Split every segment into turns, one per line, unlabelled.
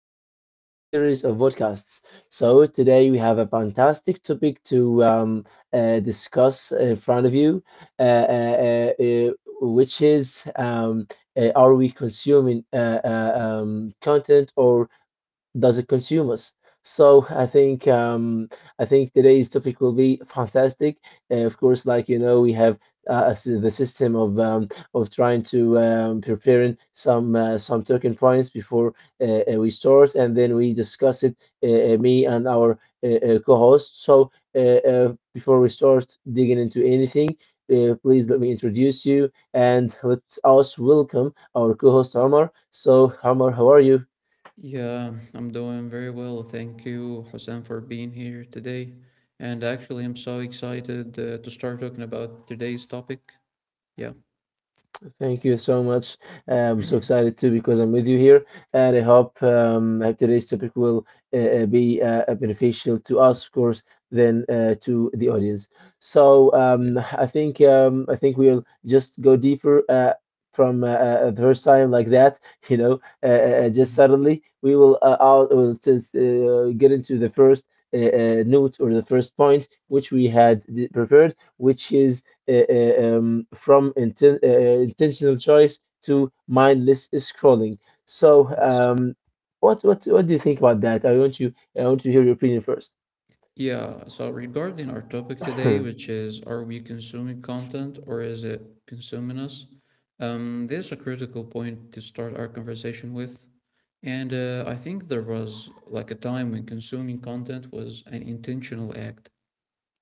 podcast of our series of podcasts. So, today we have a fantastic topic to discuss in front of you, uh, uh, uh, uh, which is are we consuming content or does it consume us? So I think today's topic will be fantastic. Of course, we have the system of trying to preparing some talking points before we start, and then we discuss it. Me and our co-host. So before we start digging into anything. Please let me introduce you and let us welcome our co-host Omar. So, Omar, how are you?
Yeah, I'm doing very well. Thank you, Hussein, for being here today. And actually, I'm so excited to start talking about today's topic. Yeah,
Thank you so much. I'm so excited too because I'm with you here, and I hope today's topic will be beneficial to us, of course, then to the audience. So
yeah.
um, I think we'll just go deeper from the first time like that. You know, just
Mhm.
suddenly we will out will just get into the first. Note or the first point which we had prepared, which is from intentional choice to mindless scrolling. So,
It's,
um, what do you think about that? I want to hear your opinion first.
yeah, so regarding our topic today, which is are we consuming content or is it consuming us? This is a critical point to start our conversation with. And I think there was like a time when consuming content was an intentional act.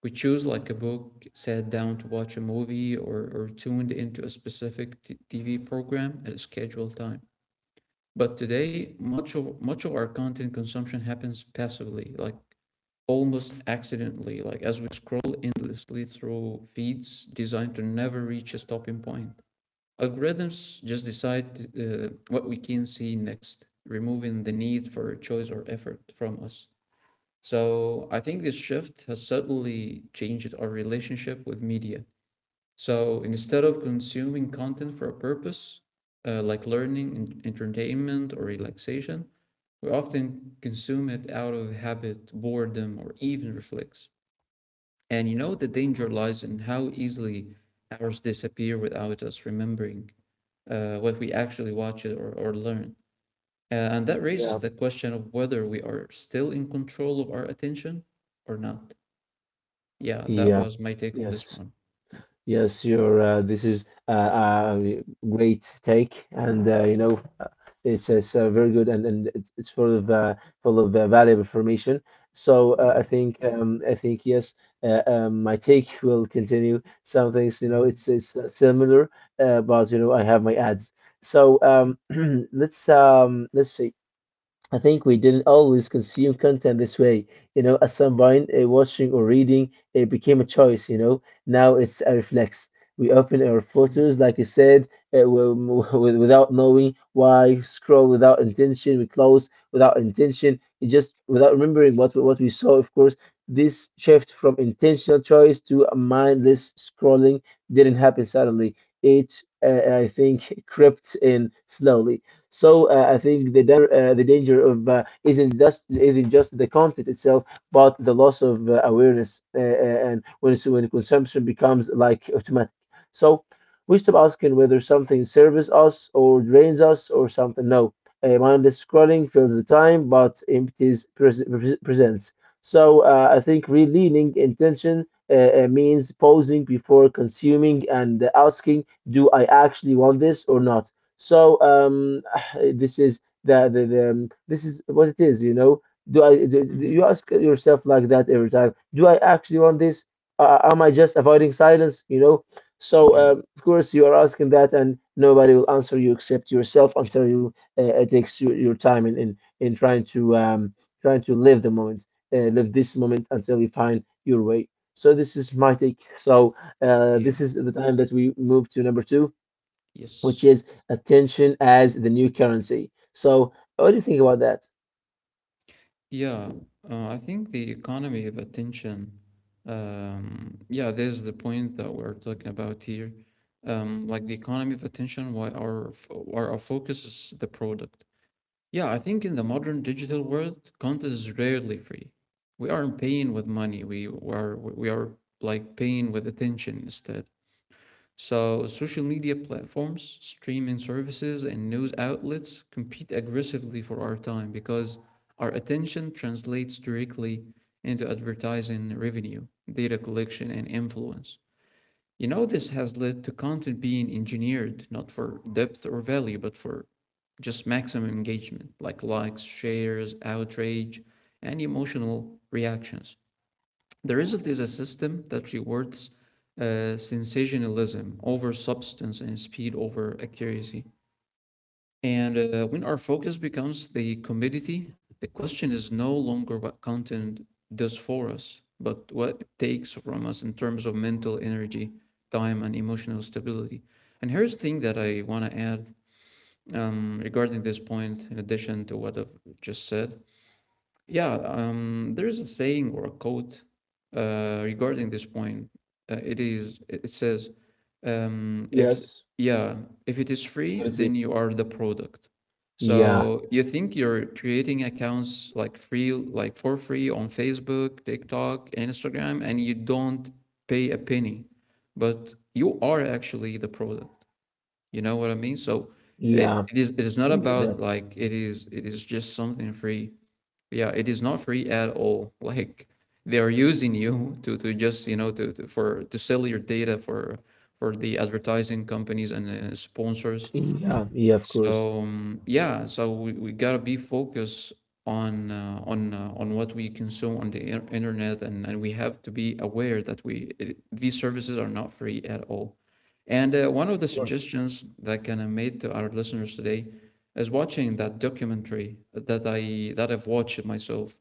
We choose like a book, sat down to watch a movie, or tuned into a specific TV program at a scheduled time. But today, much of our content consumption happens passively, like almost accidentally, like as we scroll endlessly through feeds designed to never reach a stopping point. Algorithms just decide what we can see next, removing the need for choice or effort from us. So I think this shift has certainly changed our relationship with media. So instead of consuming content for a purpose, like learning, entertainment, or relaxation, we often consume it out of habit, boredom, or even reflex. And the danger lies in how easily hours disappear without us remembering what we actually watch or learn. And that
yeah,
raises the question of whether we are still in control of our attention or not. Yeah, that
yeah,
was my take on this
yes.
one.
Yes, you're. This is a uh, great take, and it's very good, and it's full of valuable information. So
Yeah.
uh, I think yes, my take will continue. Some things,
Hmm.
it's similar, but I have my ads. So
Yeah.
um, let's see. I think we didn't always consume content this way. At some point, watching or reading it became a choice. Now it's a reflex. We open our photos, like you said, without knowing why. Scroll without intention. We close without intention. It just without remembering what we saw. Of course, this shift from intentional choice to a mindless scrolling didn't happen suddenly. It, I think, crept in slowly. So I think the danger of isn't just the content itself, but the loss of awareness, and when consumption becomes like automatic. So we stop asking whether something serves us or drains us or something. No, mindless scrolling fills the time, but empties presence. So I think re-leaning intention means pausing before consuming and asking, do I actually want this or not? So this is the this is what it is. Do I? Do you
Mm-hmm.
ask yourself like that every time? Do I actually want this? Am I just avoiding silence? So
Yeah.
um, of course you are asking that, and nobody will answer you except yourself until you it takes you, your time in trying to live the moment, live this moment until you find your way. So this is my take. So
Yeah.
this is the time that we move to number two, which
Yes.
is attention as the new currency. So, what do you think about that?
Yeah. I think the economy of attention. Yeah, there's the point that we're talking about here. Like the economy of attention, why our focus is the product. Yeah, I think in the modern digital world, content is rarely free. We aren't paying with money. We are like paying with attention instead. So, social media platforms, streaming services, and news outlets compete aggressively for our time because our attention translates directly into advertising revenue, data collection, and influence. You know, this has led to content being engineered not for depth or value, but for just maximum engagement, like likes, shares, outrage, and emotional reactions. The result is a system that rewards sensationalism over substance and speed over accuracy. And when our focus becomes the commodity, the question is no longer what content does for us, but what it takes from us in terms of mental energy, time, and emotional stability. And here's the thing that I want to add regarding this point, in addition to what I've just said. Yeah, there's a saying or a quote regarding this point. It says, if
Yes.
yeah, if it is
What
free,
is it?
then you are the product.
Yeah.
So you think you're creating accounts like free, like for free on Facebook, TikTok, and Instagram, and you don't pay a penny, but you are actually the product. You know what I mean? So
Yeah.
it is not
I get
about
that.
like it is just something free, yeah, it is not free at all like they are using you to just you know to for to sell your data for the advertising companies and sponsors.
Yeah. Yeah. Of course.
So yeah, so we gotta be focused on on what we consume on the internet, and we have to be aware that we it, these services are not free at all. And one of the
Of course.
suggestions that can I made to our listeners today is watching that documentary that I've watched myself.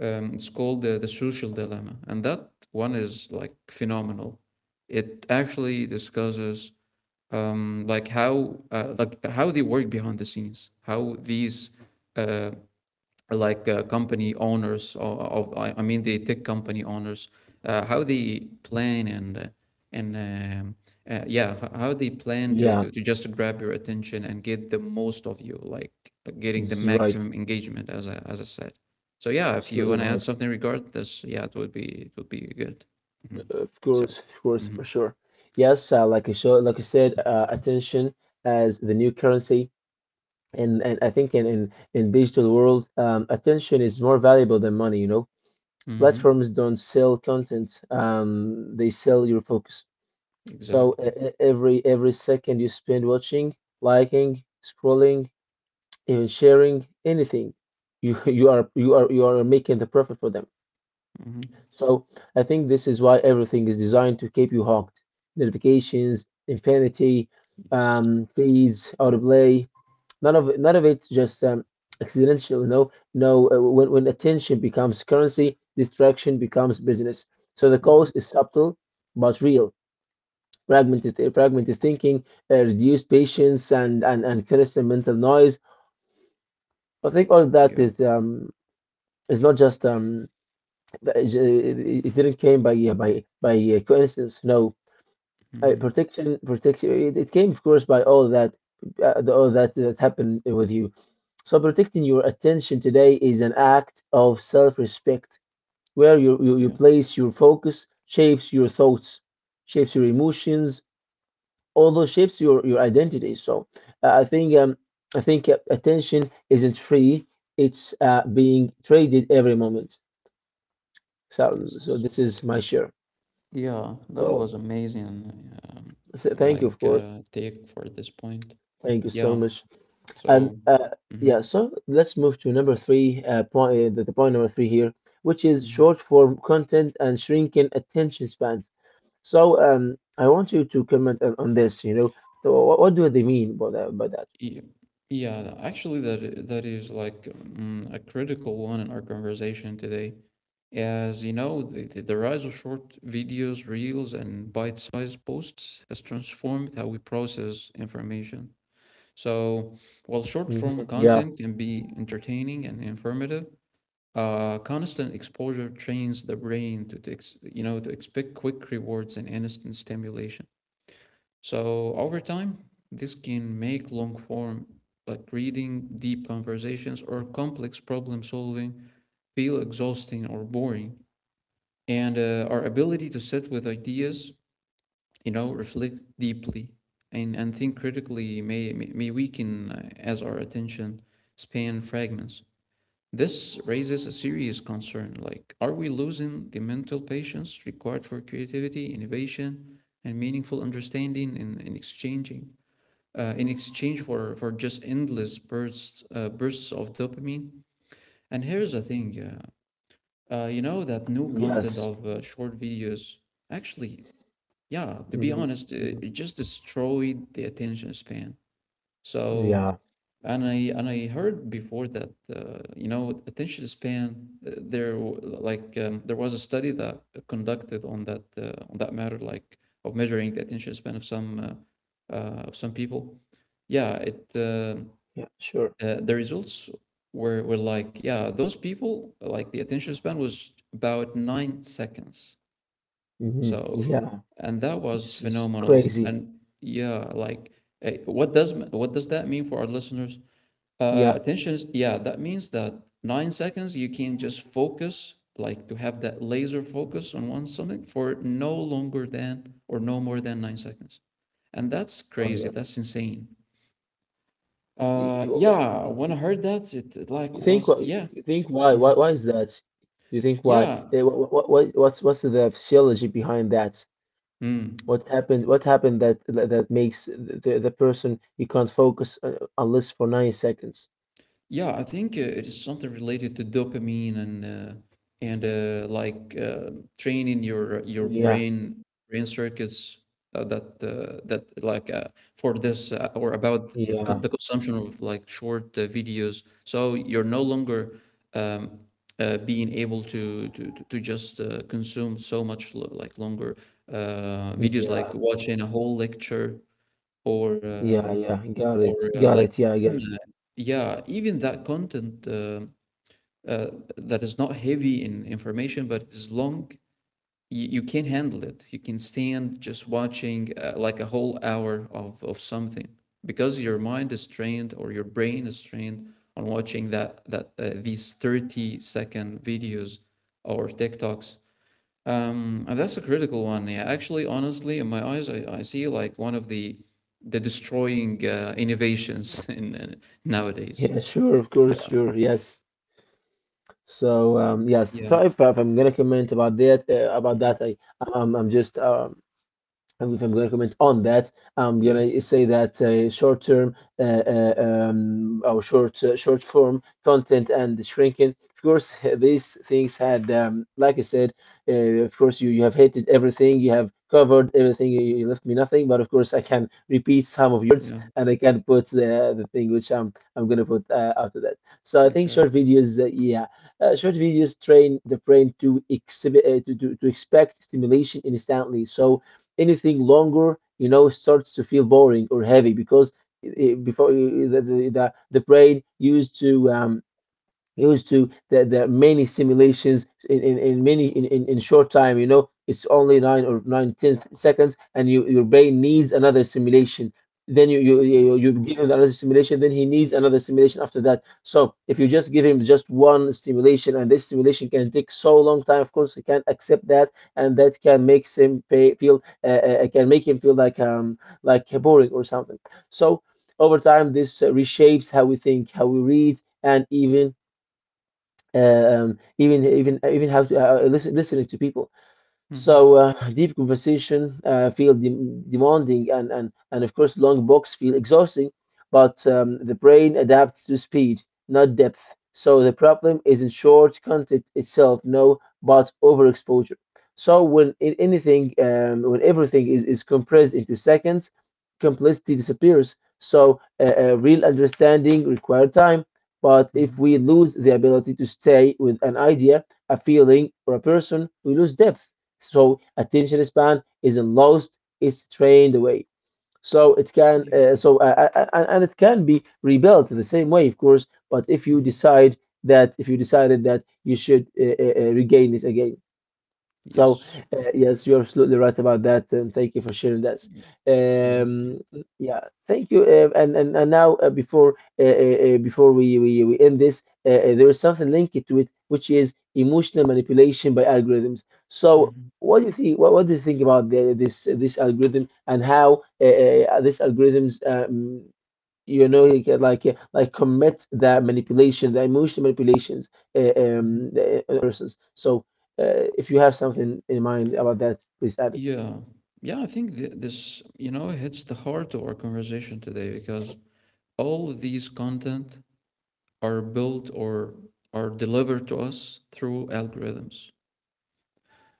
It's called The Social Dilemma, and that one is like phenomenal. It actually discusses like how they work behind the scenes, how these uh, like company owners, or, of I mean the tech company owners, how they plan and and um, yeah, how they plan
Yeah.
to just grab your attention and get the most of you, like getting the
This is right.
maximum engagement, as I said. So yeah, if you
Absolutely
want to add
right.
something regarding this, yeah, it would be good. Mhm.
Of
So.
course. Of course. For
Mhm.
sure. Yes. Like I said, attention as the new currency, and I think in digital world, attention is more valuable than money.
Mm-hmm.
Platforms don't sell content. They sell your focus. So
Exactly.
every second you spend watching, liking, scrolling, even sharing anything, you you are making the profit for them.
Mm-hmm.
So I think this is why everything is designed to keep you hooked: notifications, infinity,
Yes.
feeds, autoplay. None of it's just accidental. No, no. When attention becomes currency, distraction becomes business. So the
Mhm.
cost is subtle but real. Fragmented thinking, reduced patience, and constant mental noise. I think all that
Yeah.
is not just it it didn't came by coincidence. No,
Mhm.
protection. It came, of course, by all that that happened with you. So protecting your attention today is an act of self-respect, where you
Yeah.
place your focus, shapes your thoughts, shapes your emotions, although shapes your identity. So uh, I think um, I think attention isn't free; it's being traded every moment. So
Yes.
this is my share.
Yeah. That
So,
was amazing.
so, thank you, of
Like
course.
take for this point.
Thank you so
Yeah.
much. And
So.
uh, yeah,
Mm-hmm.
so let's move to number three, point, the point number three here, which is short
Mm-hmm.
form content and shrinking attention spans. So I want you to comment on this. So what do they mean by that?
Yeah. Yeah. Actually, that is like a critical one in our conversation today, as you know, the rise of short videos, reels, and bite-sized posts has transformed how we process information. So, while short form
Hmm. Yeah.
content can be entertaining and informative, constant exposure trains the brain to, you know to expect quick rewards and instant stimulation. So over time, this can make long form like reading, deep conversations, or complex problem solving feel exhausting or boring. And our ability to sit with ideas, you know, reflect deeply and think critically may weaken as our attention span fragments. This raises a serious concern like, are we losing the mental patience required for creativity, innovation, and meaningful understanding in exchanging? In exchange for just endless bursts bursts of dopamine. And here's the thing, you know that new content
Yes.
of short videos actually, yeah, to be
Hmm.
honest, it just destroyed the attention span. So,
Yeah.
and I heard before that you know attention span there like there was a study that conducted on that matter like of measuring the attention span of some people. Yeah, it
Yeah. Sure.
the results were like yeah those people like the attention span was about 9 seconds.
Hmm.
So,
Yeah,
and that was
this is
phenomenal.
crazy.
And yeah, like what does that mean for our listeners?
Yeah.
Attention is yeah, that means that 9 seconds you can just focus, like to have that laser focus on one something for no longer than or no more than 9 seconds. And that's
Oh
crazy.
yeah.
That's insane.
Y- y- w- y-
Yeah,
y-
when I
y-
heard that, like
You think
was
wh-
yeah,
you think why why
mhm,
why is that? Do you think why?
yeah.
What's the physiology behind that?
Mm.
What happened? What happened that makes the person you can't focus unless for 9 seconds?
Yeah, I think it is something related to dopamine and like training your
Yeah.
brain brain circuits that like for this or about the,
Yeah.
the consumption of like short videos. So you're no longer um, being able to just consume so much like longer videos, like
Yeah.
watching a whole lecture or.
Yeah. Yeah. Got
Or
it. Got
like
it. Yeah. I got
even,
it.
yeah even that content uh, that is not heavy in information but it's long, you can handle it, you can stand just watching like a whole hour of something because your mind is trained or your brain is trained on watching that that these 30-second videos or TikToks. And that's a critical one. Yeah, actually, honestly, in my eyes, I see like one of the destroying innovations in nowadays.
Yeah. Sure. Of course. Sure. Yes. So yes,
Yeah.
sorry if I'm gonna comment about that. About
Hmm.
that, I'm just and if I'm going to comment on that, I'm going
Yeah.
to say that short-term or short-form content and shrinking. Of course, these things had, like I said, uh, of course you have hated everything, you have covered everything, you left me nothing. But of course, I can repeat some of yours,
Yeah.
and I can put the thing which I'm going to put after that. So I think
Exactly.
short videos train the brain to exhibit to expect stimulation instantly. So anything longer, starts to feel boring or heavy because I before the the, the the brain used to um, used to the many simulations, in many, in short time. It's only nine or nine tenth seconds, and your brain needs another simulation, then you you
Yes.
you you give him another simulation, then he needs another simulation after that. So if you just give him just one stimulation, and this stimulation can take so long time, of course he can't accept that, and that can make him feel, can make him feel like boring or something. So over time, this reshapes how we think, how we read, and even uh, even have to, listen listening to people.
Mm-hmm.
So deep conversation feel demanding, and of course long books feel exhausting, but the brain adapts to speed, not depth. So the problem isn't short content itself, no, but overexposure. So when everything is compressed into seconds, complexity disappears. So real understanding requires time. But if
Mm-hmm.
we lose the ability to stay with an idea, a feeling, or a person, we lose depth. So attention span is lost, is trained away.
Yeah.
So and it can be rebuilt the same way, of course. But
Mm-hmm.
if you decided that you should regain it again. So,
Yes.
uh, yes, you're absolutely right about that, and thank you for sharing that.
Y-. Yeah.
Um, yeah, thank you. And now, before we end this, there is something linked to it, which is emotional manipulation by algorithms. So,
Mm-hmm.
what do you think? What do you think about this algorithm and how these algorithms? You get like commit that manipulation, the emotional manipulations
Mm-hmm.
the other persons, so if you have something in mind about that, please add it.
Yeah. Yeah. I think this, you know, hits the heart of our conversation today because all of these content are built or are delivered to us through algorithms.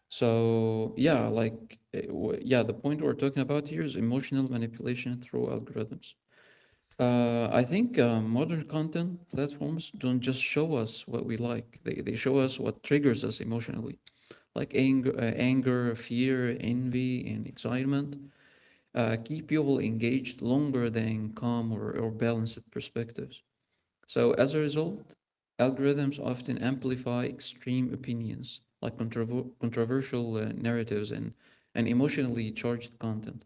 So yeah, like yeah, the point we're talking about here is emotional manipulation through algorithms. I think modern content platforms don't just show us what we like; they show us what triggers us emotionally, anger, fear, envy, and excitement. Keep people engaged longer than calm or balanced perspectives. So, as a result, algorithms often amplify extreme opinions, like controversial narratives and emotionally charged content.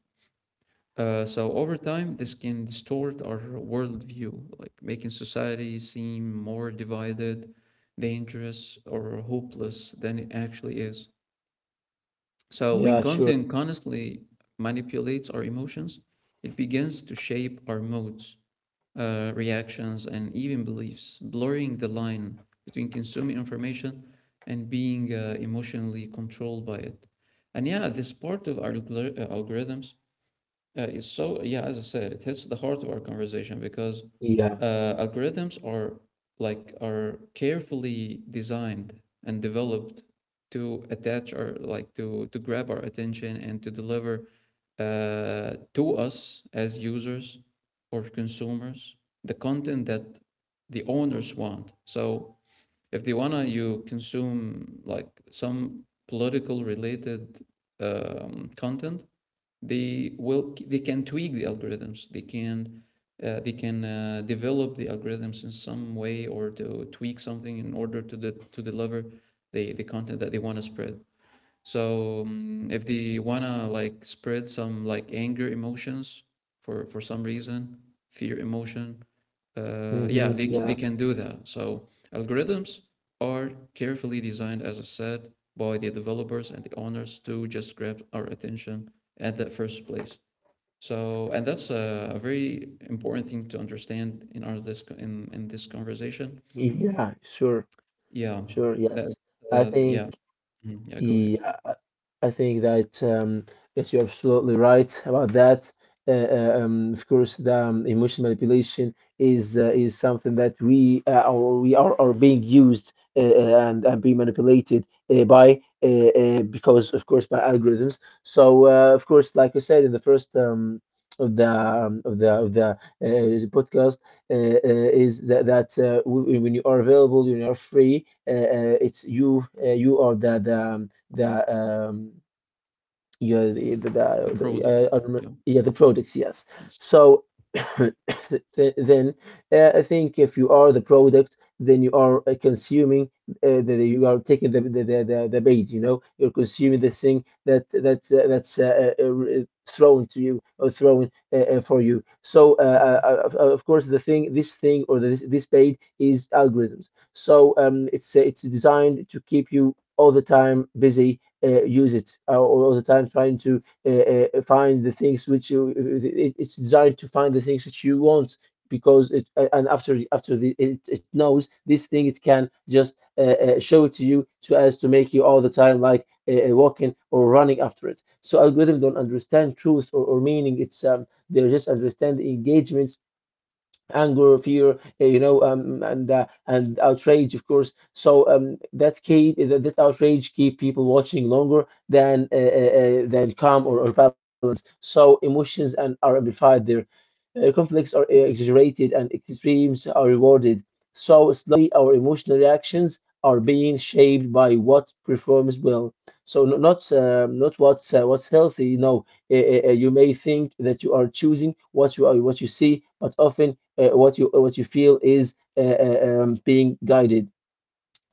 So, over time, this can distort our worldview, like making society seem more divided, dangerous, or hopeless than it actually is. So when
Yeah, sure.
content constantly manipulates our emotions, it begins to shape our moods, reactions, and even beliefs, blurring the line between consuming information and being emotionally controlled by it. And yeah, this part of our algorithms it's so yeah, as I said, it hits the heart of our conversation because
Yeah.
algorithms are like are carefully designed and developed to attach or like to grab our attention and to deliver to us as users or consumers the content that the owners want. So if they wanna you consume like some political related content, they can tweak the algorithms, they can develop the algorithms in some way or to tweak something in order to the to deliver the content that they want to spread. So if they want to like spread some like anger emotions for some reason, fear emotion, yeah,
Hmm.
they
Yeah.
can do that. So algorithms are carefully designed, as I said, by the developers and the owners to just grab our attention at that first place. So, and that's a very important thing to understand in in this conversation.
Yeah, sure.
Yeah,
Sure.
that
Yes, I
uh,
think.
yeah, Mhm. Yeah. Go ahead.
Yeah, I think that that you're absolutely right about that. Of course, the emotion manipulation is is something that we are being used, and being manipulated, by because of course by algorithms. So of course, like I said in the first of the of the of the podcast, is that when you are available, when you are free, it's you are the the um, yeah,
The product.
the,
Yeah.
yeah, the products, yes.
Yes.
So then I think if you are the product, then you are consuming, you are taking the bait, you know, you're consuming the thing that's thrown to you, or thrown for you. So of course, the thing, this thing, or this bait is algorithms. So it's designed to keep you all the time busy, use it all the time, trying to find the things which you... it's designed to find the things which you want, because it a- and after after the, it knows this thing. It can just show it to you, so as to make you all the time, like, walking or running after it. So algorithms don't understand truth or meaning. It's They just understand the engagement: anger, fear, and outrage, of course. So that outrage keep people watching longer than calm or balance. So emotions and are amplified there. Conflicts are
Mm-hmm.
exaggerated, and extremes are rewarded. So slowly, our emotional reactions are being shaped by what performs well. So not what's healthy. No, you may think that you are choosing what what you see, but often what you feel is being guided.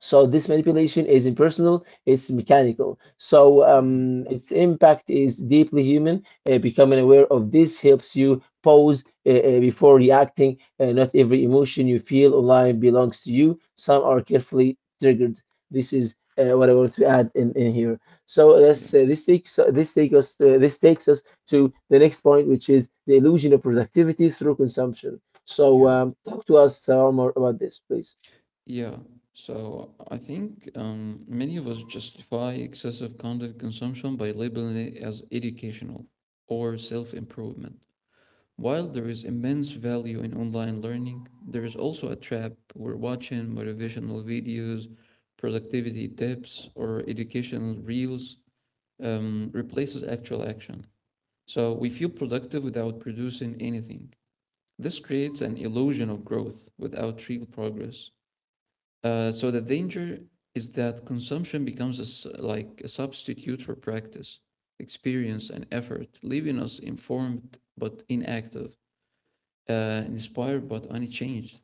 So this manipulation is impersonal; it's mechanical.
Hmm.
Its impact is deeply human. Becoming aware of this helps you pause before reacting. Not every emotion you feel online belongs to you. Some are carefully triggered. This is what I want to add in here. So
Yeah.
let's, uh, this takes us to the next point, which is the illusion of productivity through consumption.
Yeah.
Talk to us more about this, please.
Yeah, so I think many of us justify excessive content consumption by labeling it as educational or self improvement. While there is immense value in online learning, there is also a trap where watching motivational videos, productivity tips, or educational reels replaces actual action. So we feel productive without producing anything. This creates an illusion of growth without real progress. So the danger is that consumption becomes a like a substitute for practice, experience, and effort, leaving us informed but inactive, inspired but unchanged.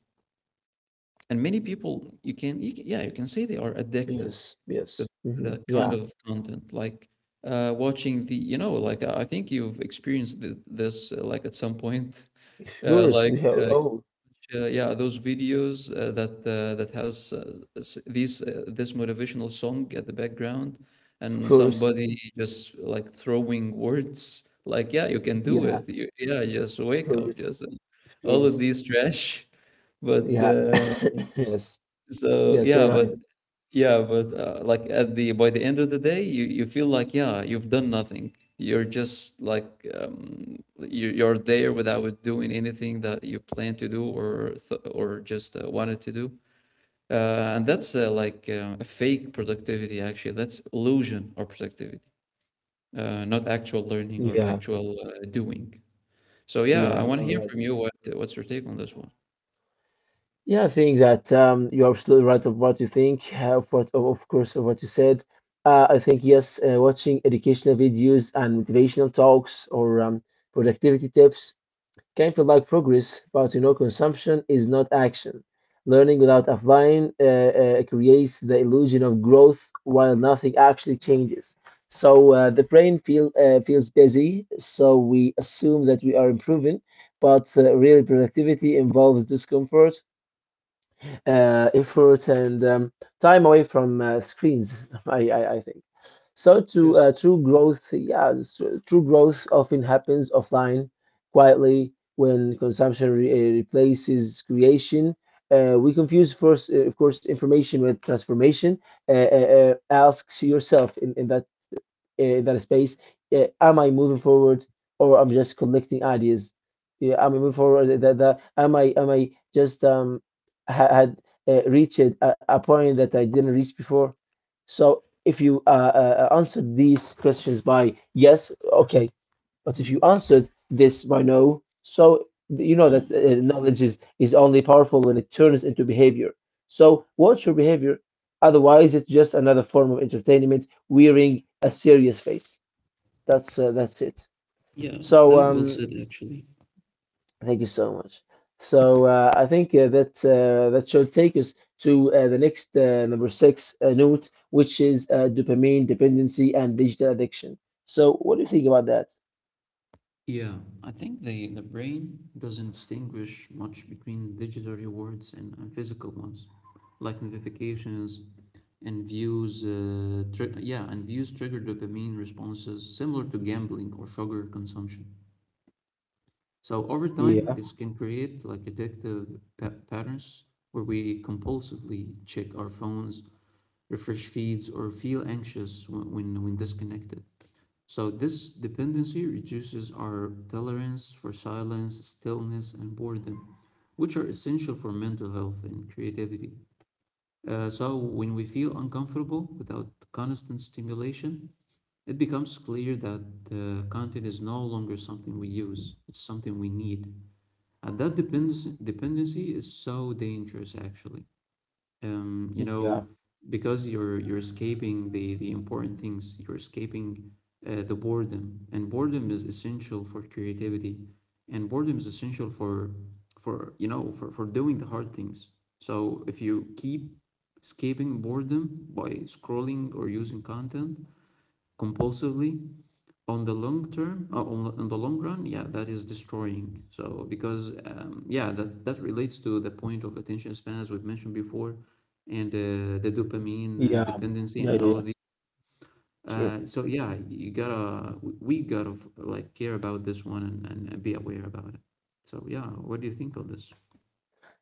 And many people, yeah, you can say they are addicted
Yes,
to
yes. Mhm.
that kind
Yeah,
of content, like watching the, you know, like I think you've experienced this, like at some point,
of course.
like
We have.
uh,
Oh,
yeah, those videos that has s- these this motivational song at the background,
of
and
course.
somebody just like throwing words like yeah you can do
Yeah, of
it you, yeah just wake up just
course. Of
all of
course.
these trash but
Yeah. Yes.
so
Yes, you're right.
yeah, but like at the by the end of the day, you feel like yeah, you've done nothing. You're just like you're there without doing anything that you plan to do or just wanted to do. Uh, and that's like a fake productivity actually. That's illusion or productivity, not actual learning or
Yeah,
actual doing. So yeah, I
yeah,
want
you're
to hear
right.
from you, what what's your take on this one?
Yeah, I think that, you're absolutely right of what you think, of course, of what you said. I think yes, watching educational videos and motivational talks, or productivity tips, can feel like progress. But consumption is not action. Learning without applying creates the illusion of growth while nothing actually changes. The brain feels busy, so we assume that we are improving. But real productivity involves discomfort, effort, and time away from screens. I think so. To
Yes.
true growth, yeah, so true growth often happens offline, quietly, when consumption replaces creation. We confuse, first, of course, information with transformation. Ask yourself in that space. Am I moving forward, or I'm just collecting ideas? Yeah, am I moving forward? That, that am I just ha- had reached a point that I didn't reach before? So if you answer these questions by yes, okay. But if you
Mhm.
answered this by no, so you know that knowledge is only powerful when it turns into behavior. So watch your behavior. Otherwise, it's just another form of entertainment wearing a serious face. That's it.
Yeah,
So
that well
um,
said actually.
Thank you so much. I think that should take us to the next number six note, which is dopamine dependency and digital addiction. So what do you think about that?
Yeah, I think the brain doesn't distinguish much between digital rewards and physical ones, like notifications and views. And views trigger dopamine responses similar to gambling or sugar consumption. So over time,
Yeah,
this can create like addictive patterns where we compulsively check our phones, refresh feeds, or feel anxious when disconnected. So this dependency reduces our tolerance for silence, stillness, and boredom, which are essential for mental health and creativity. So when we feel uncomfortable without constant stimulation, it becomes clear that content is no longer something we use; it's something we need. And that depends dependency is so dangerous, actually, you
yeah,
know, because you're escaping the important things. You're escaping the boredom, and boredom is essential for creativity, and boredom is essential for you know, for doing the hard things. So if you keep escaping boredom by scrolling or using content compulsively, on the long term, on the long run, yeah, that is destroying. So because yeah, that relates to the point of attention span as we've mentioned before, and the dopamine
yeah, yeah,
dependency
yeah,
and
yeah.
all of these,
Sure.
so yeah, you gotta we gotta like care about this one, and be aware about it. So yeah, what do you think of this?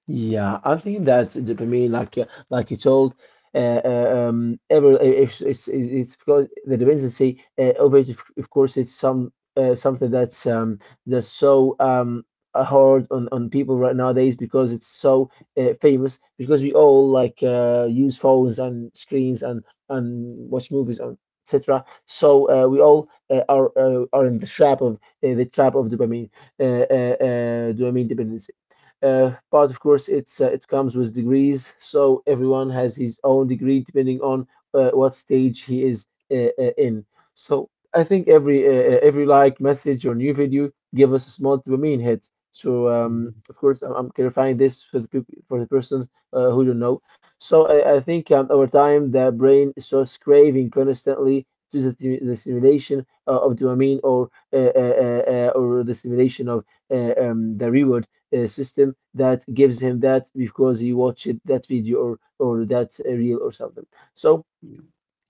Yeah, I think that dopamine, like you told, ever it's because the dependency of course, it's something that's so hard on people right nowadays, because it's so famous because we all, like, use phones and screens, and watch movies, and etc. We all are in the trap of dopamine dependency. But of course, it comes with degrees, so everyone has his own degree depending on what stage he is in. So I think every, like, message or new video give us a small dopamine hit.
Hmm.
Of course, I'm clarifying this for the people, for the person who don't know. So I think, over time, the brain starts craving constantly to the stimulation of dopamine, or the stimulation of the reward system that gives him that because he watched that video or that reel or something. So
Yeah.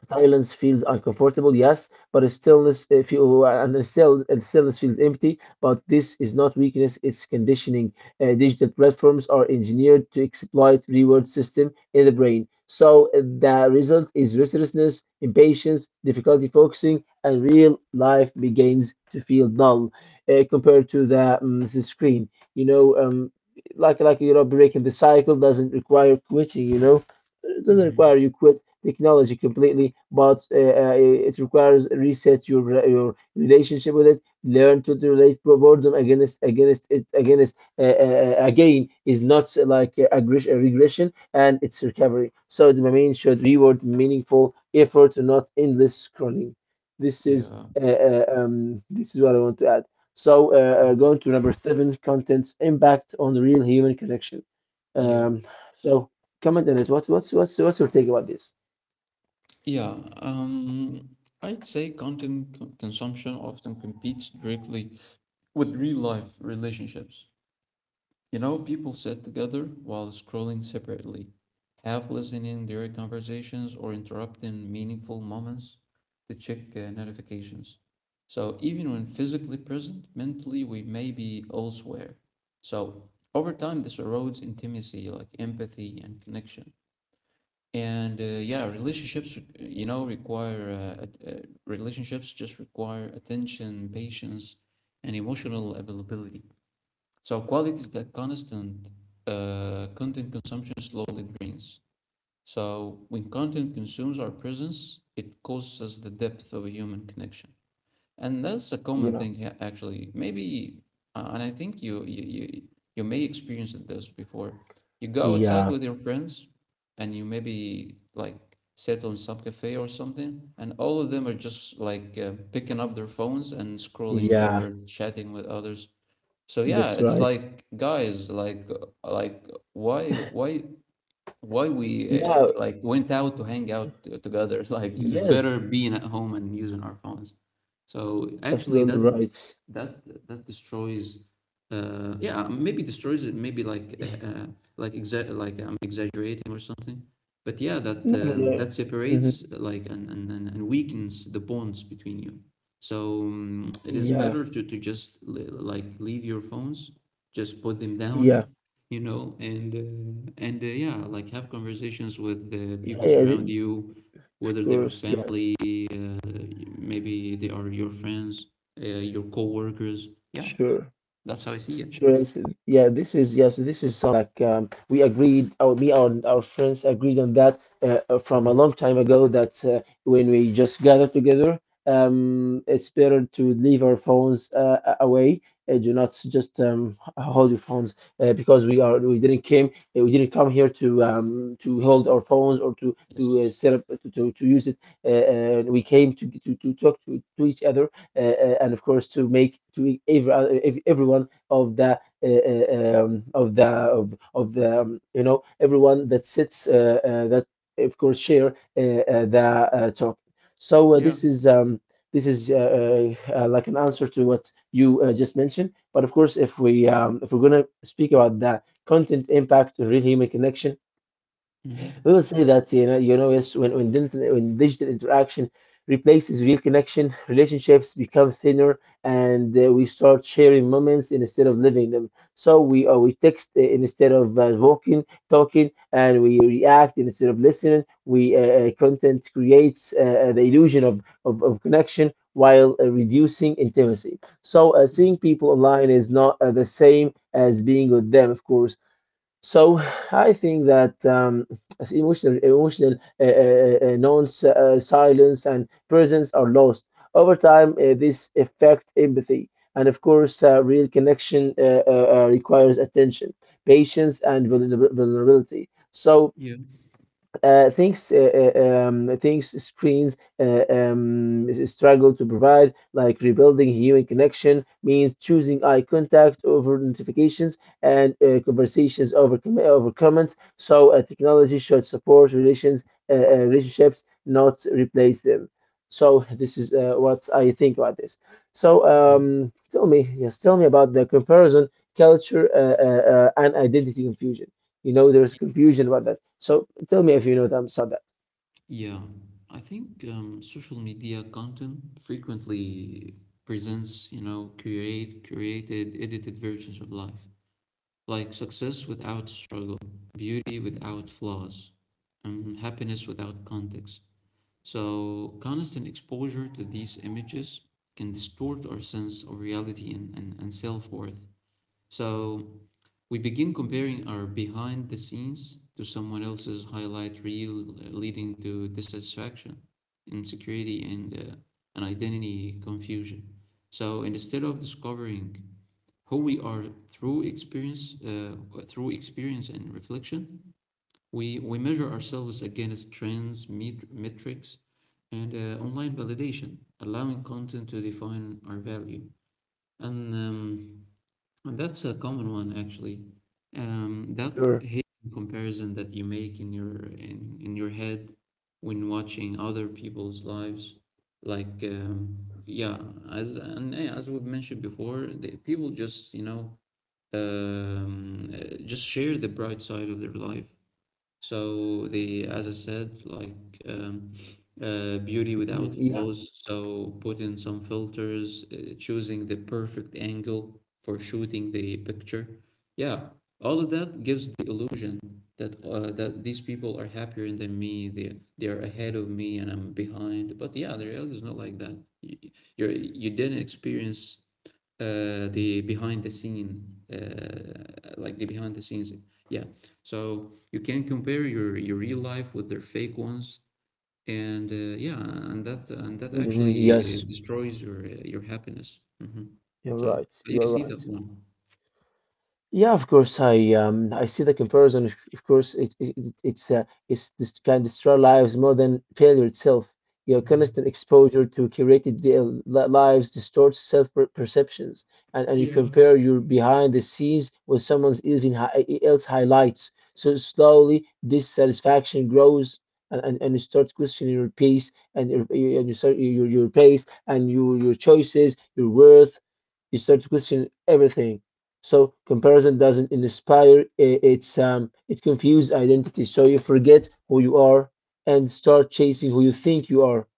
silence feels uncomfortable, yes, but a stillness if you and a stillness feels empty. But this is not weakness; it's conditioning. Digital platforms are engineered to exploit reward system in the brain. So the result is restlessness, impatience, difficulty focusing, and real life begins to feel dull compared to the screen. you know um, like breaking the cycle doesn't require quitting. It doesn't
hmm
require you quit technology completely, but it requires reset your your relationship with it. Learn to relate boredom, against against it against again, is not like a regression; and it's recovery. So domain should reward meaningful effort, not endless scrolling. This is
Yeah.
this is what I want to add.
Mhm.
Going to number seven, content's impact on real human connection.
Yeah.
Um, so comment on it. What's your take about this?
Yeah. I'd say content consumption often competes directly with real life relationships. You know, people sit together while scrolling separately, half listening during conversations or interrupting meaningful moments to check notifications. So, even when physically present, mentally we may be elsewhere. So, over time, this erodes intimacy, like empathy and connection. And you know, relationships just require attention, patience, and emotional availability. So quality is that constant content consumption slowly drains. So when content consumes our presence, it costs us the depth of a human connection. And that's a common
Yeah,
thing actually. Maybe, and I think you may experience this before. You go outside
yeah,
with your friends, and you maybe like sit on some cafe or something, and all of them are just like picking up their phones and scrolling
yeah,
or chatting with others. So yeah,
that's
it's
right.
like guys, like why why why we
Yeah,
like went out to hang out together. Like it is
yes,
better being at home and using our phones. So actually,
absolutely right.
that destroys. Yeah, maybe destroys it. Maybe like like I'm exaggerating or something. But yeah,
No, no, no.
that
Hmm.
separates like, and weakens the bonds between you. So it is
Yeah,
better to just like leave your phones, just put them down,
yeah,
you know, and yeah, like have conversations with the
yeah,
people
yeah,
surround you,
of
whether they are
course,
family,
yes,
uh, maybe they are your friends, your coworkers. Yeah,
sure.
that's how I see it.
Sure. Yes. Yeah, this is, yes, this is something like, we agreed. Me and our friends agreed on that from a
Mhm.
long time ago. That, when we just gather together, it's better to leave our phones away. Do not just hold your phones, because we are we didn't came we didn't come here to, to hold our phones or to to uh,
Yes.
set up to, to, to use it. Uh, we came to talk to each other, and of course to make to every everyone of the of the of the you know everyone that sits, that of course, share the talk.
Yeah.
This is, like, an answer to what you just mentioned. But of course, if we're gonna speak about the content impact, real human connection, we
Hmm.
will say that, yes, when, when digital interaction replaces real connection, relationships become thinner, and we start sharing moments instead of living them. So we text instead of walking, talking, and we react instead of listening. We Content creates the illusion of connection while reducing intimacy. Seeing people online is not the same as being with them, of course. So I think that, as emotional silence and presence are lost over time. This affect empathy, and of course, real connection requires attention, patience, and vulnerability.
Yeah.
Uh, things uh, uh, things screens struggle to provide, like rebuilding human connection means choosing eye contact over notifications, and conversations over over comments. Technology should support relationships, not replace them. So this is what I think about this.
Yeah.
Tell me, yes, tell me about the comparison culture and identity confusion. You know, there's confusion about that. So tell me if you know them, Sadat.
Yeah, I think social media content frequently presents, you know, created edited versions of life, like success without struggle, beauty without flaws, and happiness without context. So, constant exposure to these images can distort our sense of reality and, and self worth. So, we begin comparing our behind the scenes to someone else's highlight reel, leading to dissatisfaction, insecurity, and an identity confusion. So, instead of discovering who we are through experience, and reflection. We measure ourselves against trends, metrics, and online validation, allowing content to define our value. And, um, and that's a common one actually. That
Sure.
hidden comparison that you make in your head when watching other people's lives, like yeah, as and yeah, as we've mentioned before, the people just you know just share the bright side of their life. So the, as I said, like beauty without
Hmm. Yeah.
flaws. So put in some filters, choosing the perfect angle for shooting the picture. Yeah, all of that gives the illusion that that these people are happier than me. They are ahead of me and I'm behind. But yeah, the reality is not like that. You're, you didn't experience the behind the scene, like the behind the scenes. Yeah, so you can compare your real life with their fake ones, and yeah, and that
Hmm.
actually
Yes,
destroys your happiness. Hmm.
you're
So
right.
you
You're
see that
right.
one.
Yeah, of course. I see the comparison. Of course, it's this can destroy lives more than failure itself. Your constant
Hmm.
exposure to curated lives distorts self perceptions, and you
Yeah.
compare your behind the scenes with someone's else highlights. So slowly, dissatisfaction grows, and you start questioning your pace and your pace and your choices, your worth. You start to question everything. So comparison doesn't inspire, it confuses identity. So you forget who you are and start chasing who you think you are.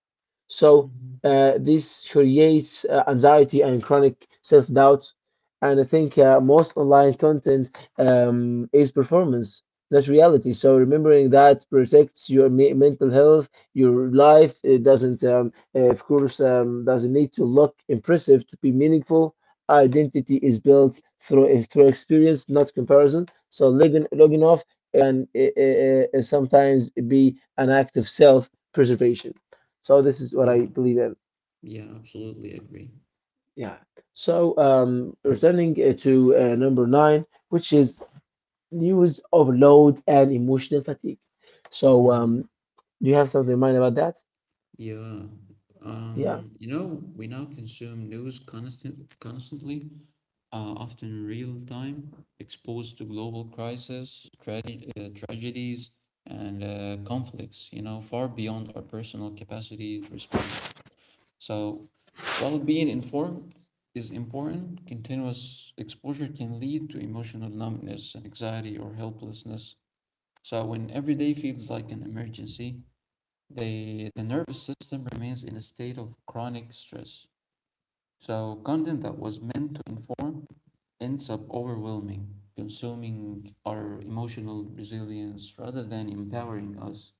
So
Hmm.
this creates anxiety and chronic self doubt. And I think most online content is performance, not reality. So remembering that protects your mental health, your life. It doesn't, of course, doesn't need to look impressive to be meaningful. Identity is built through experience, not comparison. So logging off can sometimes be an act of self preservation. So this is what
Yeah.
I believe in.
Yeah. Absolutely agree.
Yeah. So returning to number nine, which is news overload and emotional fatigue. So
Hmm.
do you have something in mind about that?
Yeah.
Yeah.
You know, we now consume news constantly, often real time, exposed to global crises, tragedies, and conflicts, you know, far beyond our personal capacity to respond. So, while being informed is important, continuous exposure can lead to emotional numbness and anxiety or helplessness. So, when every day feels like an emergency, the nervous system remains in a state of chronic stress. So, content that was meant to inform ends up overwhelming, consuming our emotional resilience rather than empowering us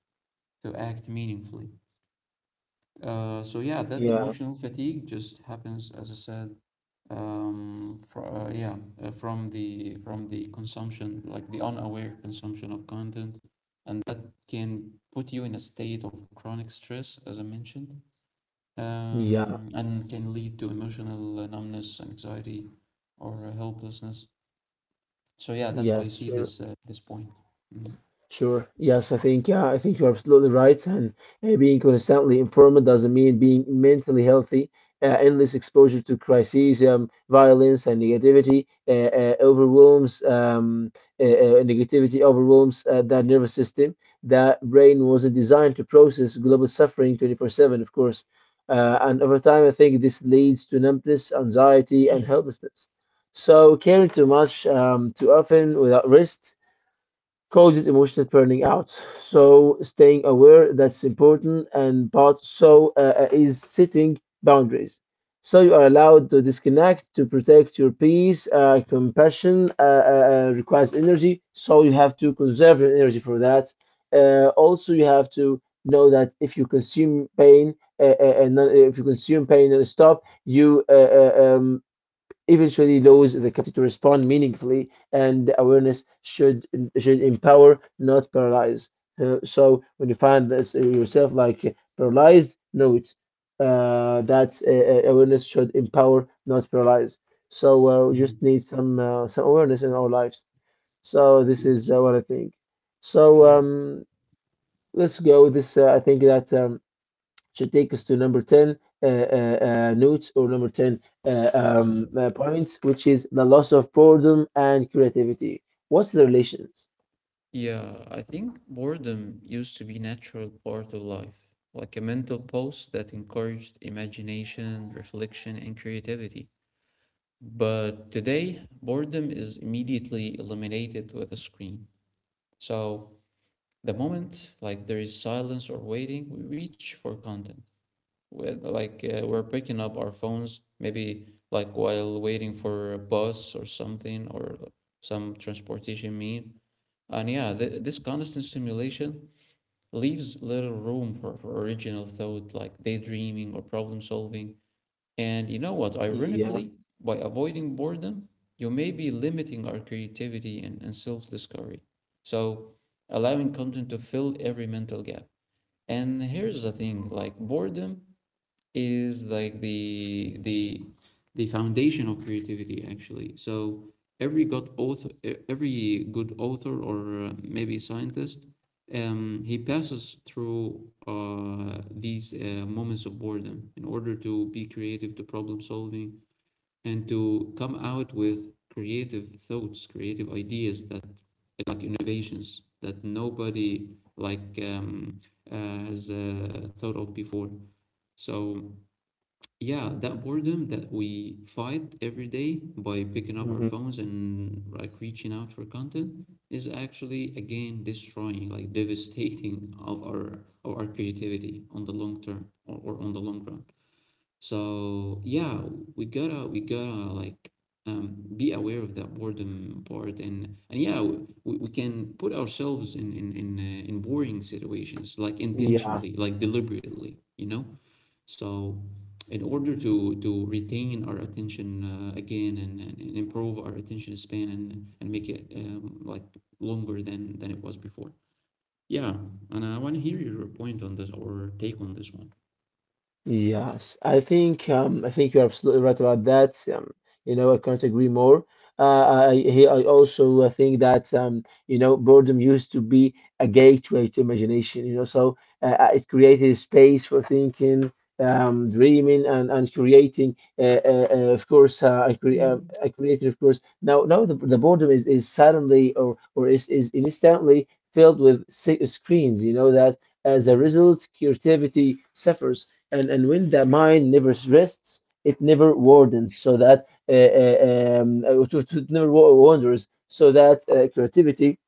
to act meaningfully. So yeah, that
Yeah.
emotional fatigue just happens, as I said, fr yeah, from the consumption, like the unaware consumption of content, and that can put you in a state of chronic stress, as I mentioned,
Yeah.
and can lead to emotional numbness, anxiety, or helplessness. So yeah, that's how I
Yes.
see this this point. Mhm.
Sure. Yes, I think yeah, I think you're absolutely right. And being constantly informed doesn't mean being mentally healthy. Endless exposure to crises, violence, and negativity overwhelms negativity overwhelms that nervous system. That brain wasn't designed to process global suffering 24/7, of course.
Yeah.
And over time, I think this leads to numbness, anxiety, and helplessness. So caring too much, too often, without rest causes emotional burning out. So staying aware that's important, and part is setting boundaries. So you are allowed to disconnect to protect your peace. Compassion requires energy, so you have to conserve your energy for that. Also, you have to know that if you consume pain if you consume pain and stop, you eventually those the capacity to respond meaningfully, and awareness should empower, not paralyze. So when you find this, yourself paralyzed, know it that awareness should empower, not paralyze. So we
Mhm.
just need some awareness in our lives. So this is
Yes.
what I think. So
Yeah.
um, let's go. This I think that. Should take us to number 10 notes or number 10
Mhm.
points, which is the loss of boredom and creativity. What's the relations?
Yeah, I think boredom used to be natural part of life, like a mental pulse that encouraged imagination, reflection, and creativity. But today, boredom is immediately eliminated with a screen. So the moment like there is silence or waiting, we reach for content. With like we're picking up our phones maybe like while waiting for a bus or something, or some transportation mean. And yeah, this constant stimulation leaves little room for original thought, like daydreaming or problem solving. And you know what,
Yeah.
ironically, by avoiding boredom, you may be limiting our creativity and self-discovery. So allowing content to fill every mental gap, and here's the thing, like boredom is like the foundation of creativity actually. So every good author e- every good author or maybe scientist, he passes through these moments of boredom in order to be creative, to problem solving, and to come out with creative thoughts, creative ideas, that like innovations that nobody, like has thought of before. So yeah, that boredom that we fight every day by picking up our
Hmm.
phones and like reaching out for content is actually again destroying, like devastating of our creativity on the long term, or on the long run. So yeah, we gotta be aware of that boredom part and yeah, we can put ourselves in boring situations like
Yeah.
intentionally, like deliberately, so, in order to retain our attention again and improve our attention span and and, make it like longer than it was before. Yeah, and I want to hear your point on this or take on this one.
Yes, I think you're absolutely right about that. You know, I can't agree more. I also think that you know, boredom used to be a gateway to imagination. You know, so it created a space for thinking, dreaming, and creating. Of course, I cre
Yeah.
I created, of course. Now the boredom is suddenly or is instantly filled with screens. You know that as a
Mhm,
result, creativity suffers and when the mind never rests it never wardens so that it never wanders so that creativity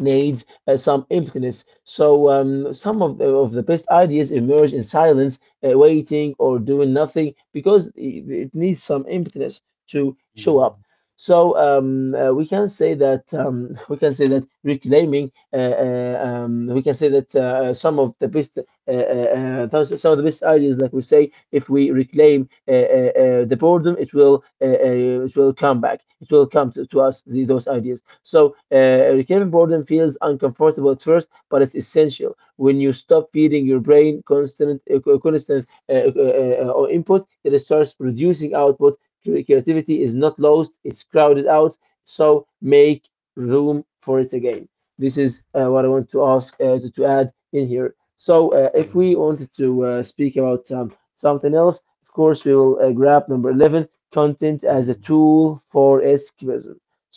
needs some emptiness. So some of of the best ideas emerge in silence, waiting or doing nothing because it needs some emptiness to show up.
mhm.
So we can say that we can say that reclaiming we can say that some of the best some of the best ideas like we say if we reclaim the boredom it will come back it will come to us those ideas. So recurrent boredom feels uncomfortable at first, but it's essential. When you stop feeding your brain constant input, it starts producing output. Creativity is not lost; it's crowded out. So make room for it again. This is what I want to ask to add in here. So
Yeah.
if we wanted to speak about something else, of course we will grab number 11: content as a
Mhm.
tool for escapism.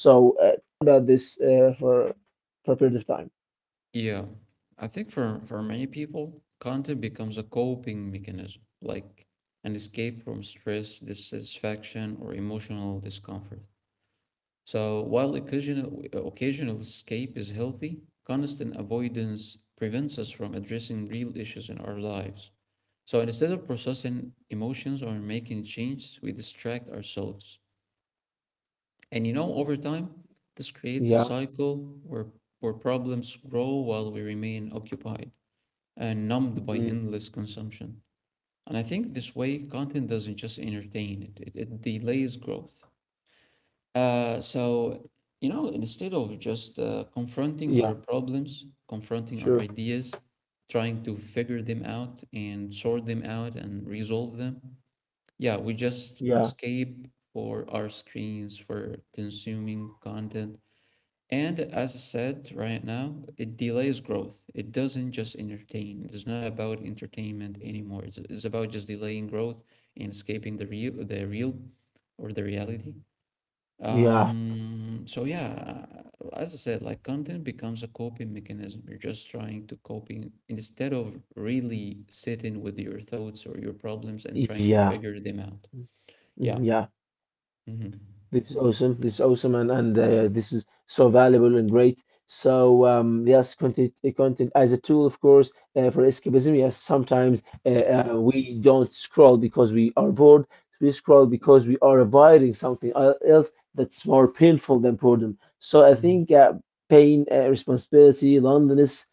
So about this for a period of time.
Yeah. I think for many people, content becomes a coping mechanism, like an escape from stress, dissatisfaction, or emotional discomfort. So while occasional escape is healthy, constant avoidance prevents us from addressing real issues in our lives. So instead of processing emotions or making changes, we distract ourselves. And you know, over time, this creates a
Yeah.
cycle where problems grow while we remain occupied and numbed by
Mm,
endless consumption. And I think this way, content doesn't just entertain, it delays growth. So, you know, instead of just confronting
yeah.
our problems, confronting our
Sure.
ideas, trying to figure them out and sort them out and resolve them, yeah, we just
Yeah.
escape for our screens for consuming content. And as I said right now, it delays growth. It doesn't just entertain. It is not about entertainment anymore. It's about just delaying growth and escaping the real or the reality.
Yeah.
So yeah, as I said, like content becomes a coping mechanism. You're just trying to coping instead of really sitting with your thoughts or your problems and trying to
Yeah.
figure them out. Yeah.
Mm, yeah.
Mm-hmm.
This is awesome. This is awesome, and this is so valuable and great. So yes, content content as a tool, of course, for escapism. Yes, sometimes we don't scroll because we are bored. We scroll because we are avoiding something else that's more painful than boredom. So I
Mm-hmm.
think pain, responsibility, loneliness,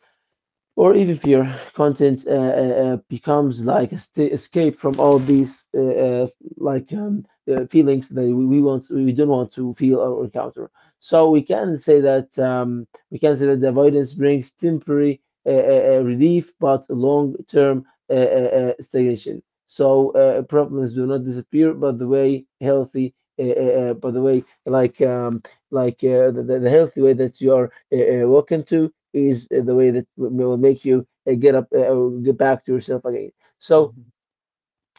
or even fear. Content becomes like a escape from all these uh, like um, feelings that we don't want to feel or encounter. So we can say that the avoidance brings temporary relief, but long-term stagnation. So problems do not disappear, but the way healthy. By the way, the healthy way that you are walking to, is the way that will make you get up, get back to yourself again. So
Mm-hmm.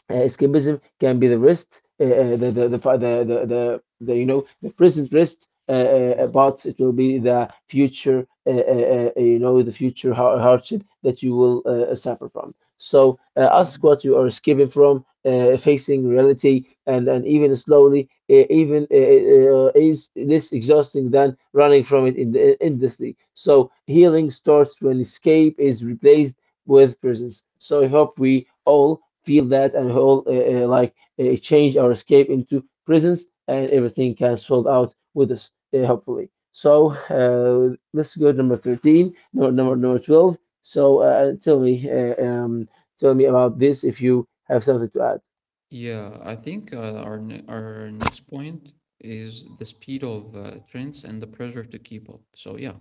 escapism can be the wrist, the, fi- the, you know, the present wrist,
Yes.
but it will be the future, you know, the future hardship that you will suffer from. So ask
Mm-hmm.
what you are escaping from, facing reality, and even slowly, even is this exhausting than running from it in the endlessly. So healing starts when escape is replaced with prisons. So I hope we all feel that and all change our escape into prisons and everything can sort out with us, hopefully. So
Yes.
let's go to number 13,
Mhm.
number 12. So tell me about this if you have something to add.
Yeah, I think our next point is the speed of trends and the pressure to keep up. So yeah,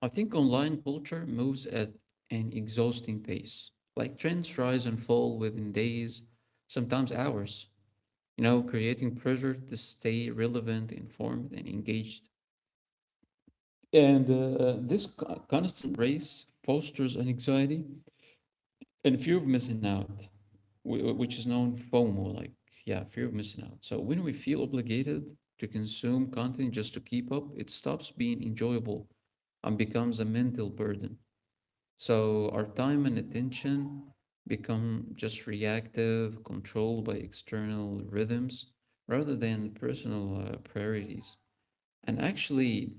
I think online culture moves at an exhausting pace. Like trends rise and fall within days, sometimes hours, you know, creating pressure to stay relevant, informed, and engaged. And this constant race fosters an anxiety and fear of missing out, which is known FOMO, like, yeah, fear of missing out. So when we feel obligated to consume content just to keep up, it stops being enjoyable and becomes a mental burden. So our time and attention become just reactive, controlled by external rhythms rather than personal priorities. And actually,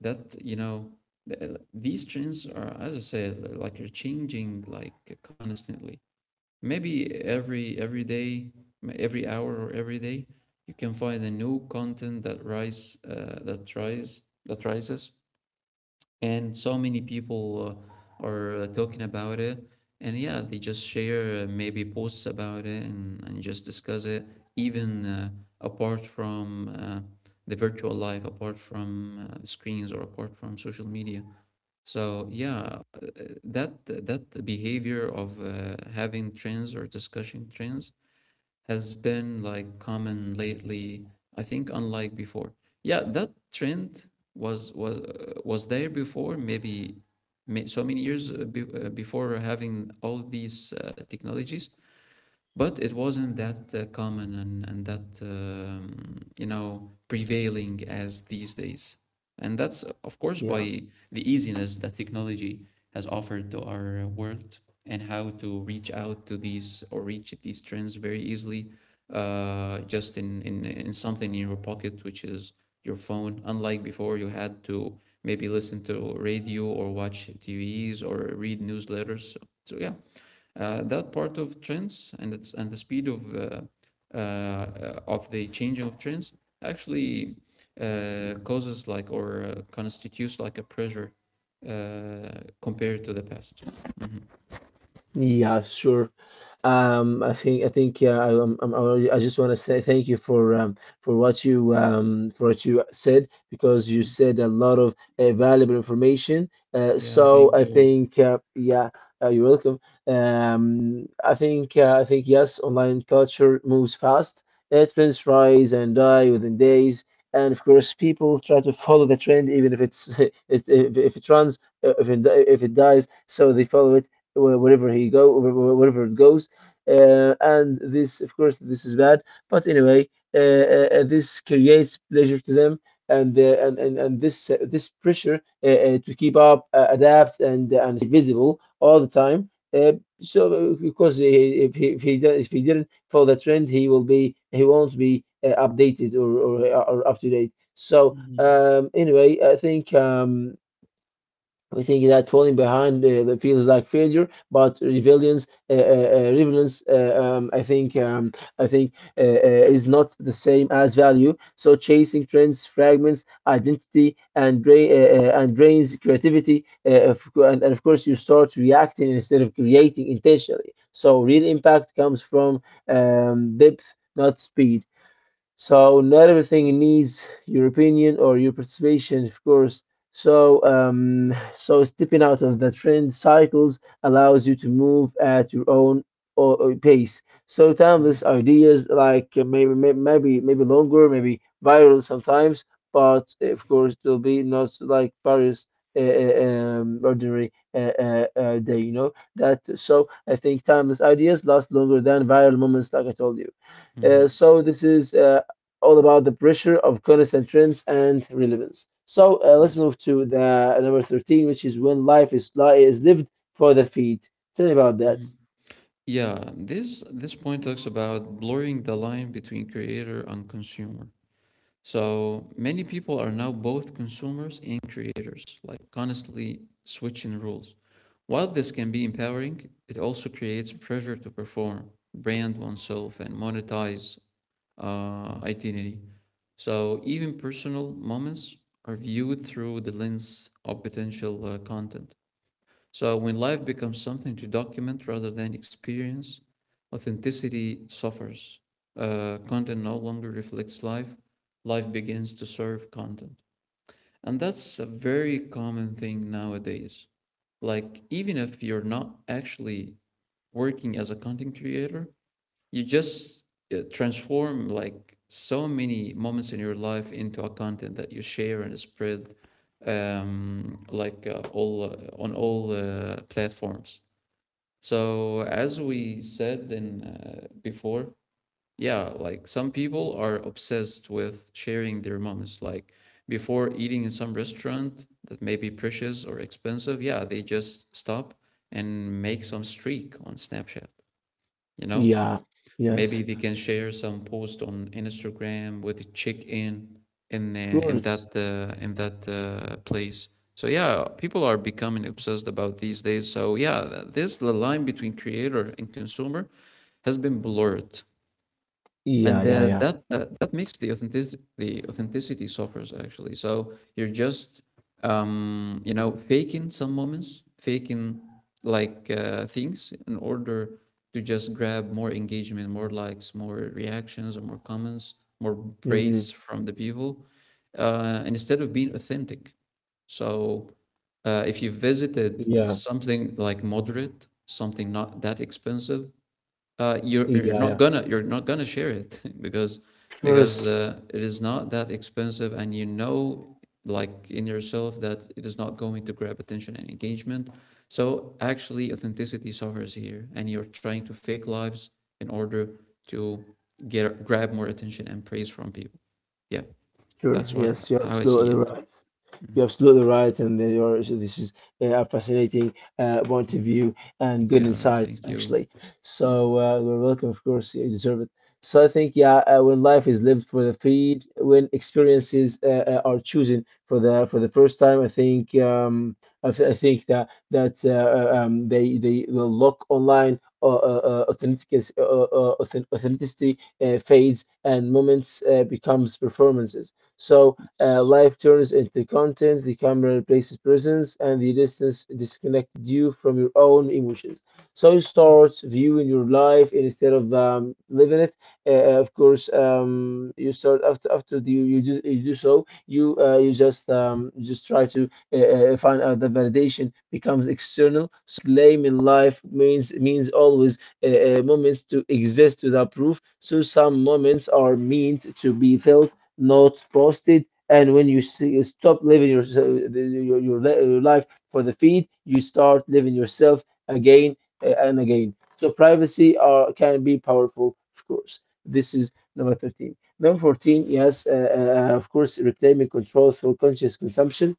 that, you know, these trends are, as I said, like are changing like constantly. Maybe every day, every hour or every day, you can find a new content that rises, and so many people are talking about it, and yeah, they just share maybe posts about it and and just discuss it, even apart from the virtual life, apart from screens or apart from social media. So yeah, that behavior of having trends or discussing trends has been like common lately. I think unlike before. Yeah, that trend was there before. Maybe so many years before having all these technologies, but it wasn't that common and and, that, you know, prevailing as these days. And that's, of course,
Yeah.
by the easiness that technology has offered to our world and how to reach out to these or reach these trends very easily, just in something in your pocket, which is your phone. Unlike before, you had to maybe listen to radio or watch TVs or read newsletters. So, so yeah, that part of trends and the speed of the changing of trends actually causes like or constitutes like a pressure compared to the past. Hmm.
Yeah, sure. I think yeah, I just want to say thank you for for what you said because you said a lot of valuable information.
Yeah,
So
thank
I
you.
think yeah, you're welcome. I think yes, online culture moves fast. Trends rise and die within days, and of course, people try to follow the trend even if it's if it runs, if it dies, so they follow it wherever he go, wherever it goes. And this, of course, this is bad. But anyway, this creates pleasure to them, and and this this pressure to keep up, adapt, and and stay visible all the time. Uh, so, because if if he didn't follow the trend, he won't be updated or up to date. So
Mhm.
anyway, I think we think that falling behind feels like failure, but resilience, relevance, I think, is not the same as value. So chasing trends fragments identity and drains creativity, and of course you start reacting instead of creating intentionally. So real impact comes from depth, not speed. So not everything
Yes.
needs your opinion or your participation, of course. So so stepping out of the trend cycles allows you to move at your own pace. So timeless
Mhm.
ideas like maybe maybe longer, maybe viral sometimes, but eh, of course it will be not like various. Uh, uh, Ordinary day, you know that. So I think timeless ideas last longer than viral moments, like I told you.
Mhm.
So this is all about the pressure of constant trends and relevance. So let's
Yes.
move to the number 13, which is when life is lived for the feet. Tell me about that.
Mhm. Yeah, this point talks about blurring the line between creator and consumer. So many people are now both consumers and creators, like constantly switching rules. While this can be empowering, it also creates pressure to perform, brand oneself, and monetize identity. So even personal moments are viewed through the lens of potential content. So when life becomes something to document rather than experience, authenticity suffers. Content no longer reflects life, life begins to serve content. And that's a very common thing nowadays. Like, even if you're not actually working as a content creator, you just transform like so many moments in your life into a content that you share and spread, like all on all platforms. So as we said in before, yeah, like some people are obsessed with sharing their moments. Like before eating in some restaurant that may be precious or expensive, yeah, they just stop and make some streak on Snapchat. You know,
Yeah, yes,
maybe they can share some post on Instagram with a check-in in
of
uh, in
course.
that uh, in that uh, place. So yeah, people are becoming obsessed about these days. So yeah, this the line between creator and consumer has been blurred,
Yeah,
and
yeah,
uh,
yeah.
that, that that makes the authenticity suffers actually. So you're just, you know, faking some moments, faking like things in order to just grab more engagement, more likes, more reactions, or more comments, more
Hmm.
praise from the people, and instead of being authentic. So if you visited
Yeah,
something like moderate, something not that expensive, you're
yeah,
not
yeah.
gonna share it
Of
because
course.
it is not that expensive and you know like in yourself that it is not going to grab attention and engagement, so actually authenticity suffers here and you're trying to fake lives in order to get grab more attention and praise from people, yeah.
Sure.
That's what
Yes, you're
how I see
absolutely
it.
right.
Mhm.
You're absolutely right, and then you're, so this is a fascinating point of
Mhm.
view and good
Yeah,
insights,
thank you.
actually.
Mhm.
So you're welcome, of course. You deserve it. So I think, yeah, when life is lived for the feed, when experiences are chosen for the first time, I think I think that they will look online. Authenticity fades and moments becomes performances, so
Yes.
life turns into content, the camera replaces presence, and the distance disconnected you from your own emotions. So you start viewing your life instead of living it. Of course, you start after the, you do so, you you just try to find out that validation becomes external. So claiming life means always moments to exist without proof. So some moments are meant to be felt, notes posted. And when you see, stop living your life for the feed, you start living yourself again and again. So privacy are, can be powerful, of course. This is number 13. Number 14, yes, of course, reclaiming control through conscious consumption,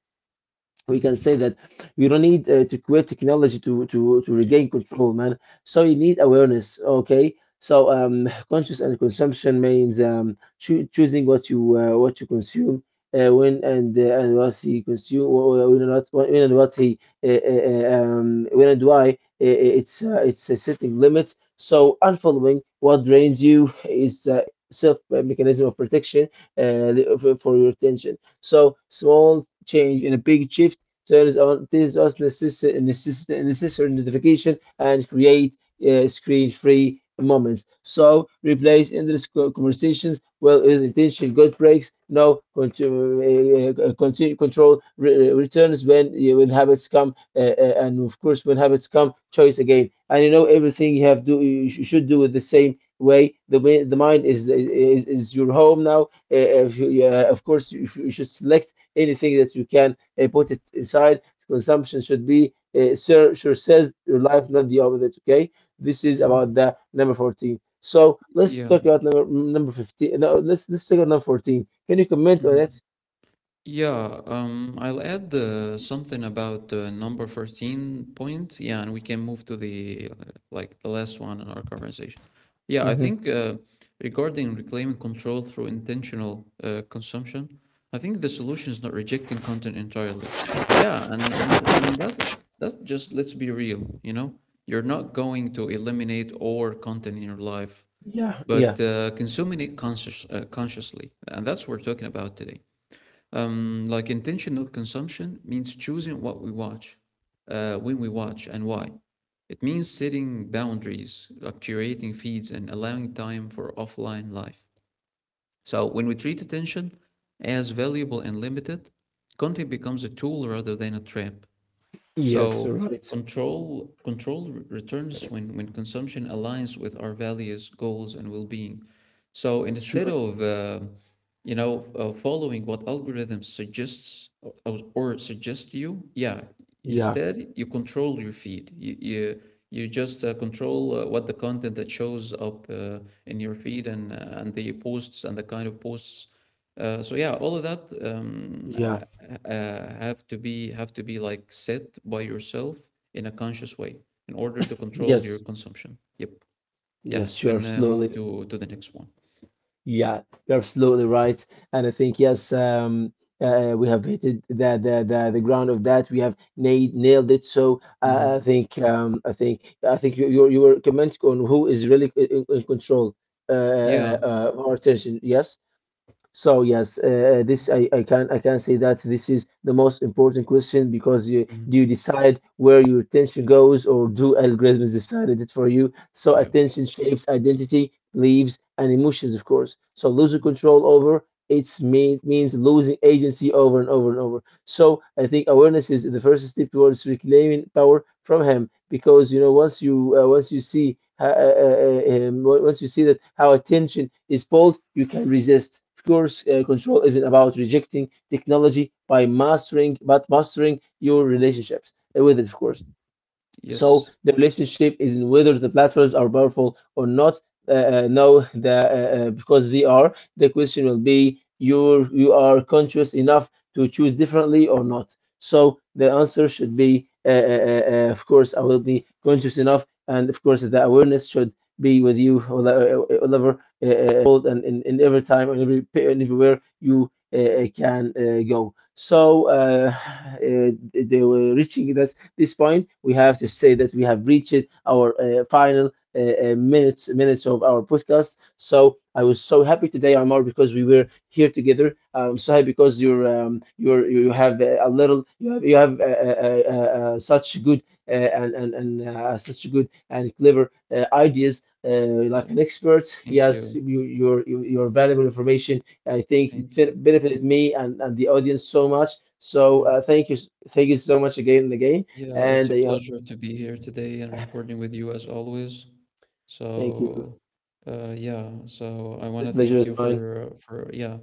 we can
Mhm.
say that you don't need to create technology to, to regain control, man, so you need awareness. Okay, so conscious and consumption means choosing what you consume, when and what he consume, or when and what, when and what he when and why. It's it's setting limits. So unfollowing what drains you is self mechanism of protection uh, for your attention. So small change and a big shift. There is on this us necessary necessary necessary notification and create screen-free moments. So replace endless conversations well with intention. Good breaks. No continue, continue control returns when habits come, and of course when habits come, choice again. And you know everything you have do you should do it the same way. The way the mind is your home now. If you, of course you, you should select anything that you can put it inside. Consumption should be serve yourself, your life, not the opposite. Okay, this is about
Mhm.
the number 14. So let's
Yeah.
talk about number 15. No, let's talk about number 14. Can you comment on
Mhm.
it?
Yeah, I'll add something about number 13 point. Yeah, and we can move to the like the last one in our conversation. Yeah, I
Hmm.
think regarding reclaiming control through intentional consumption, I think the solution is not rejecting content entirely. Yeah, and that's that, just let's be real, you know, you're not going to eliminate all content in your life,
Yeah, yeah,
but consciously, and that's what we're talking about today. Like, intentional consumption means choosing what we watch, when we watch, and why. It means setting boundaries, like curating feeds, and allowing time for offline life. So, when we treat attention as valuable and limited, content becomes a tool rather than a trap.
yes,
So,
right,
control returns when consumption aligns with our values, goals, and well being. So, instead
sure,
of you know, following what algorithm suggests or suggest you. Yeah.
yeah,
Instead, you control your feed. You just control what the content that shows up in your feed and the posts and the kind of posts. So yeah, all of that,
yeah,
have to be like set by yourself in a conscious way in order to control your
yes,
consumption. Yep. Yeah. You
yes, sure,
can move
absolutely.
to the next one.
Yeah, you're absolutely right. And I think, yes, we have hit it, the ground of that. We have nailed it. So I
Hmm.
think, I think you, you were commenting on who is really in control uh, uh,
Yeah.
uh, of our attention. Yes. So yes, this I can say that this is the most important question, because you do you
Mhm.
decide where your attention goes, or do algorithms decided it for you? So
Yeah.
attention shapes identity, beliefs, and emotions, of course. So losing control over means losing agency over and over and over. So I think awareness is the first step towards reclaiming power from him, because you know once you once you see that how attention is pulled, you can resist. Of course, control isn't about rejecting technology but mastering your relationships with it, of course.
Mhm.
So
Yes.
the relationship is in whether the platforms are powerful or not. No, the, because they are. The question will be you you are conscious enough to choose differently or not. So the answer should be, of course, I will be conscious enough, and of course the awareness should be with you all over world, and in every time and every and everywhere you can go. So
Mhm.
uh, they were reaching that, this point, we have to say that we have reached our final minutes of our podcast. So I was so happy today, Amar, because we were here together. I'm so happy because you're you have a little you have such good and such good and clever ideas. Like
Yeah.
an expert,
Thank
yes,
you.
you, your your valuable information. I think it
Thank you.
benefited me and the audience so much. So
Yeah.
thank you so much again and again.
Yeah.
And
It's a
they,
pleasure to be here today and recording with you as always.
thank you.
So, yeah, so I
The
want to
pleasure
thank
is
you
mine.
for yeah,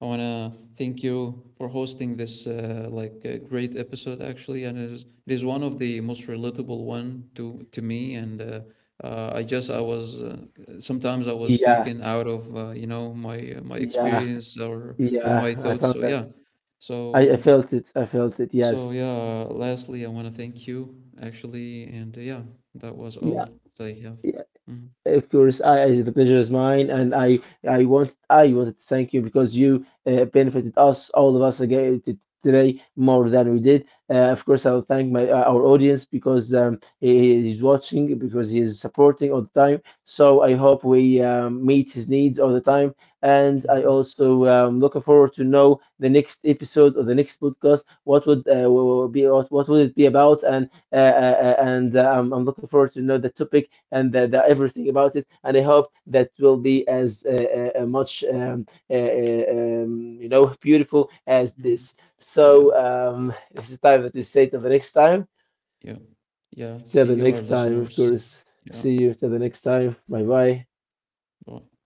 I want to thank you for hosting this like great episode actually, and it is one of the most relatable one to me. And I just I was sometimes I was
Yeah,
talking out of you know my
yeah,
experience or my
yeah. I
thoughts.
found
So
that.
yeah, so
I felt it. I felt it.
so
Yes.
yeah. Lastly, I want to thank you actually, and yeah, that was
Yeah,
all that I have.
yeah.
Mhm.
Of course, as the pleasure is mine, and I wanted to thank you because you benefited us, all of us again today more than we did. Of course, I will thank my our audience, because he is watching, because he is supporting all the time. So I hope we meet his needs all the time, and I
Hmm.
also looking forward to know the next episode or the next podcast. What would what would it be about? And I'm looking forward to know the topic and the everything about it. And I hope that will be as much you know beautiful as
Hmm.
this. So
Yeah,
this is time that we say till the next time.
yeah, yeah. See
Till the
you, our
next time, of
listeners.
course.
Yeah,
See you till the next time. Bye bye.
bye.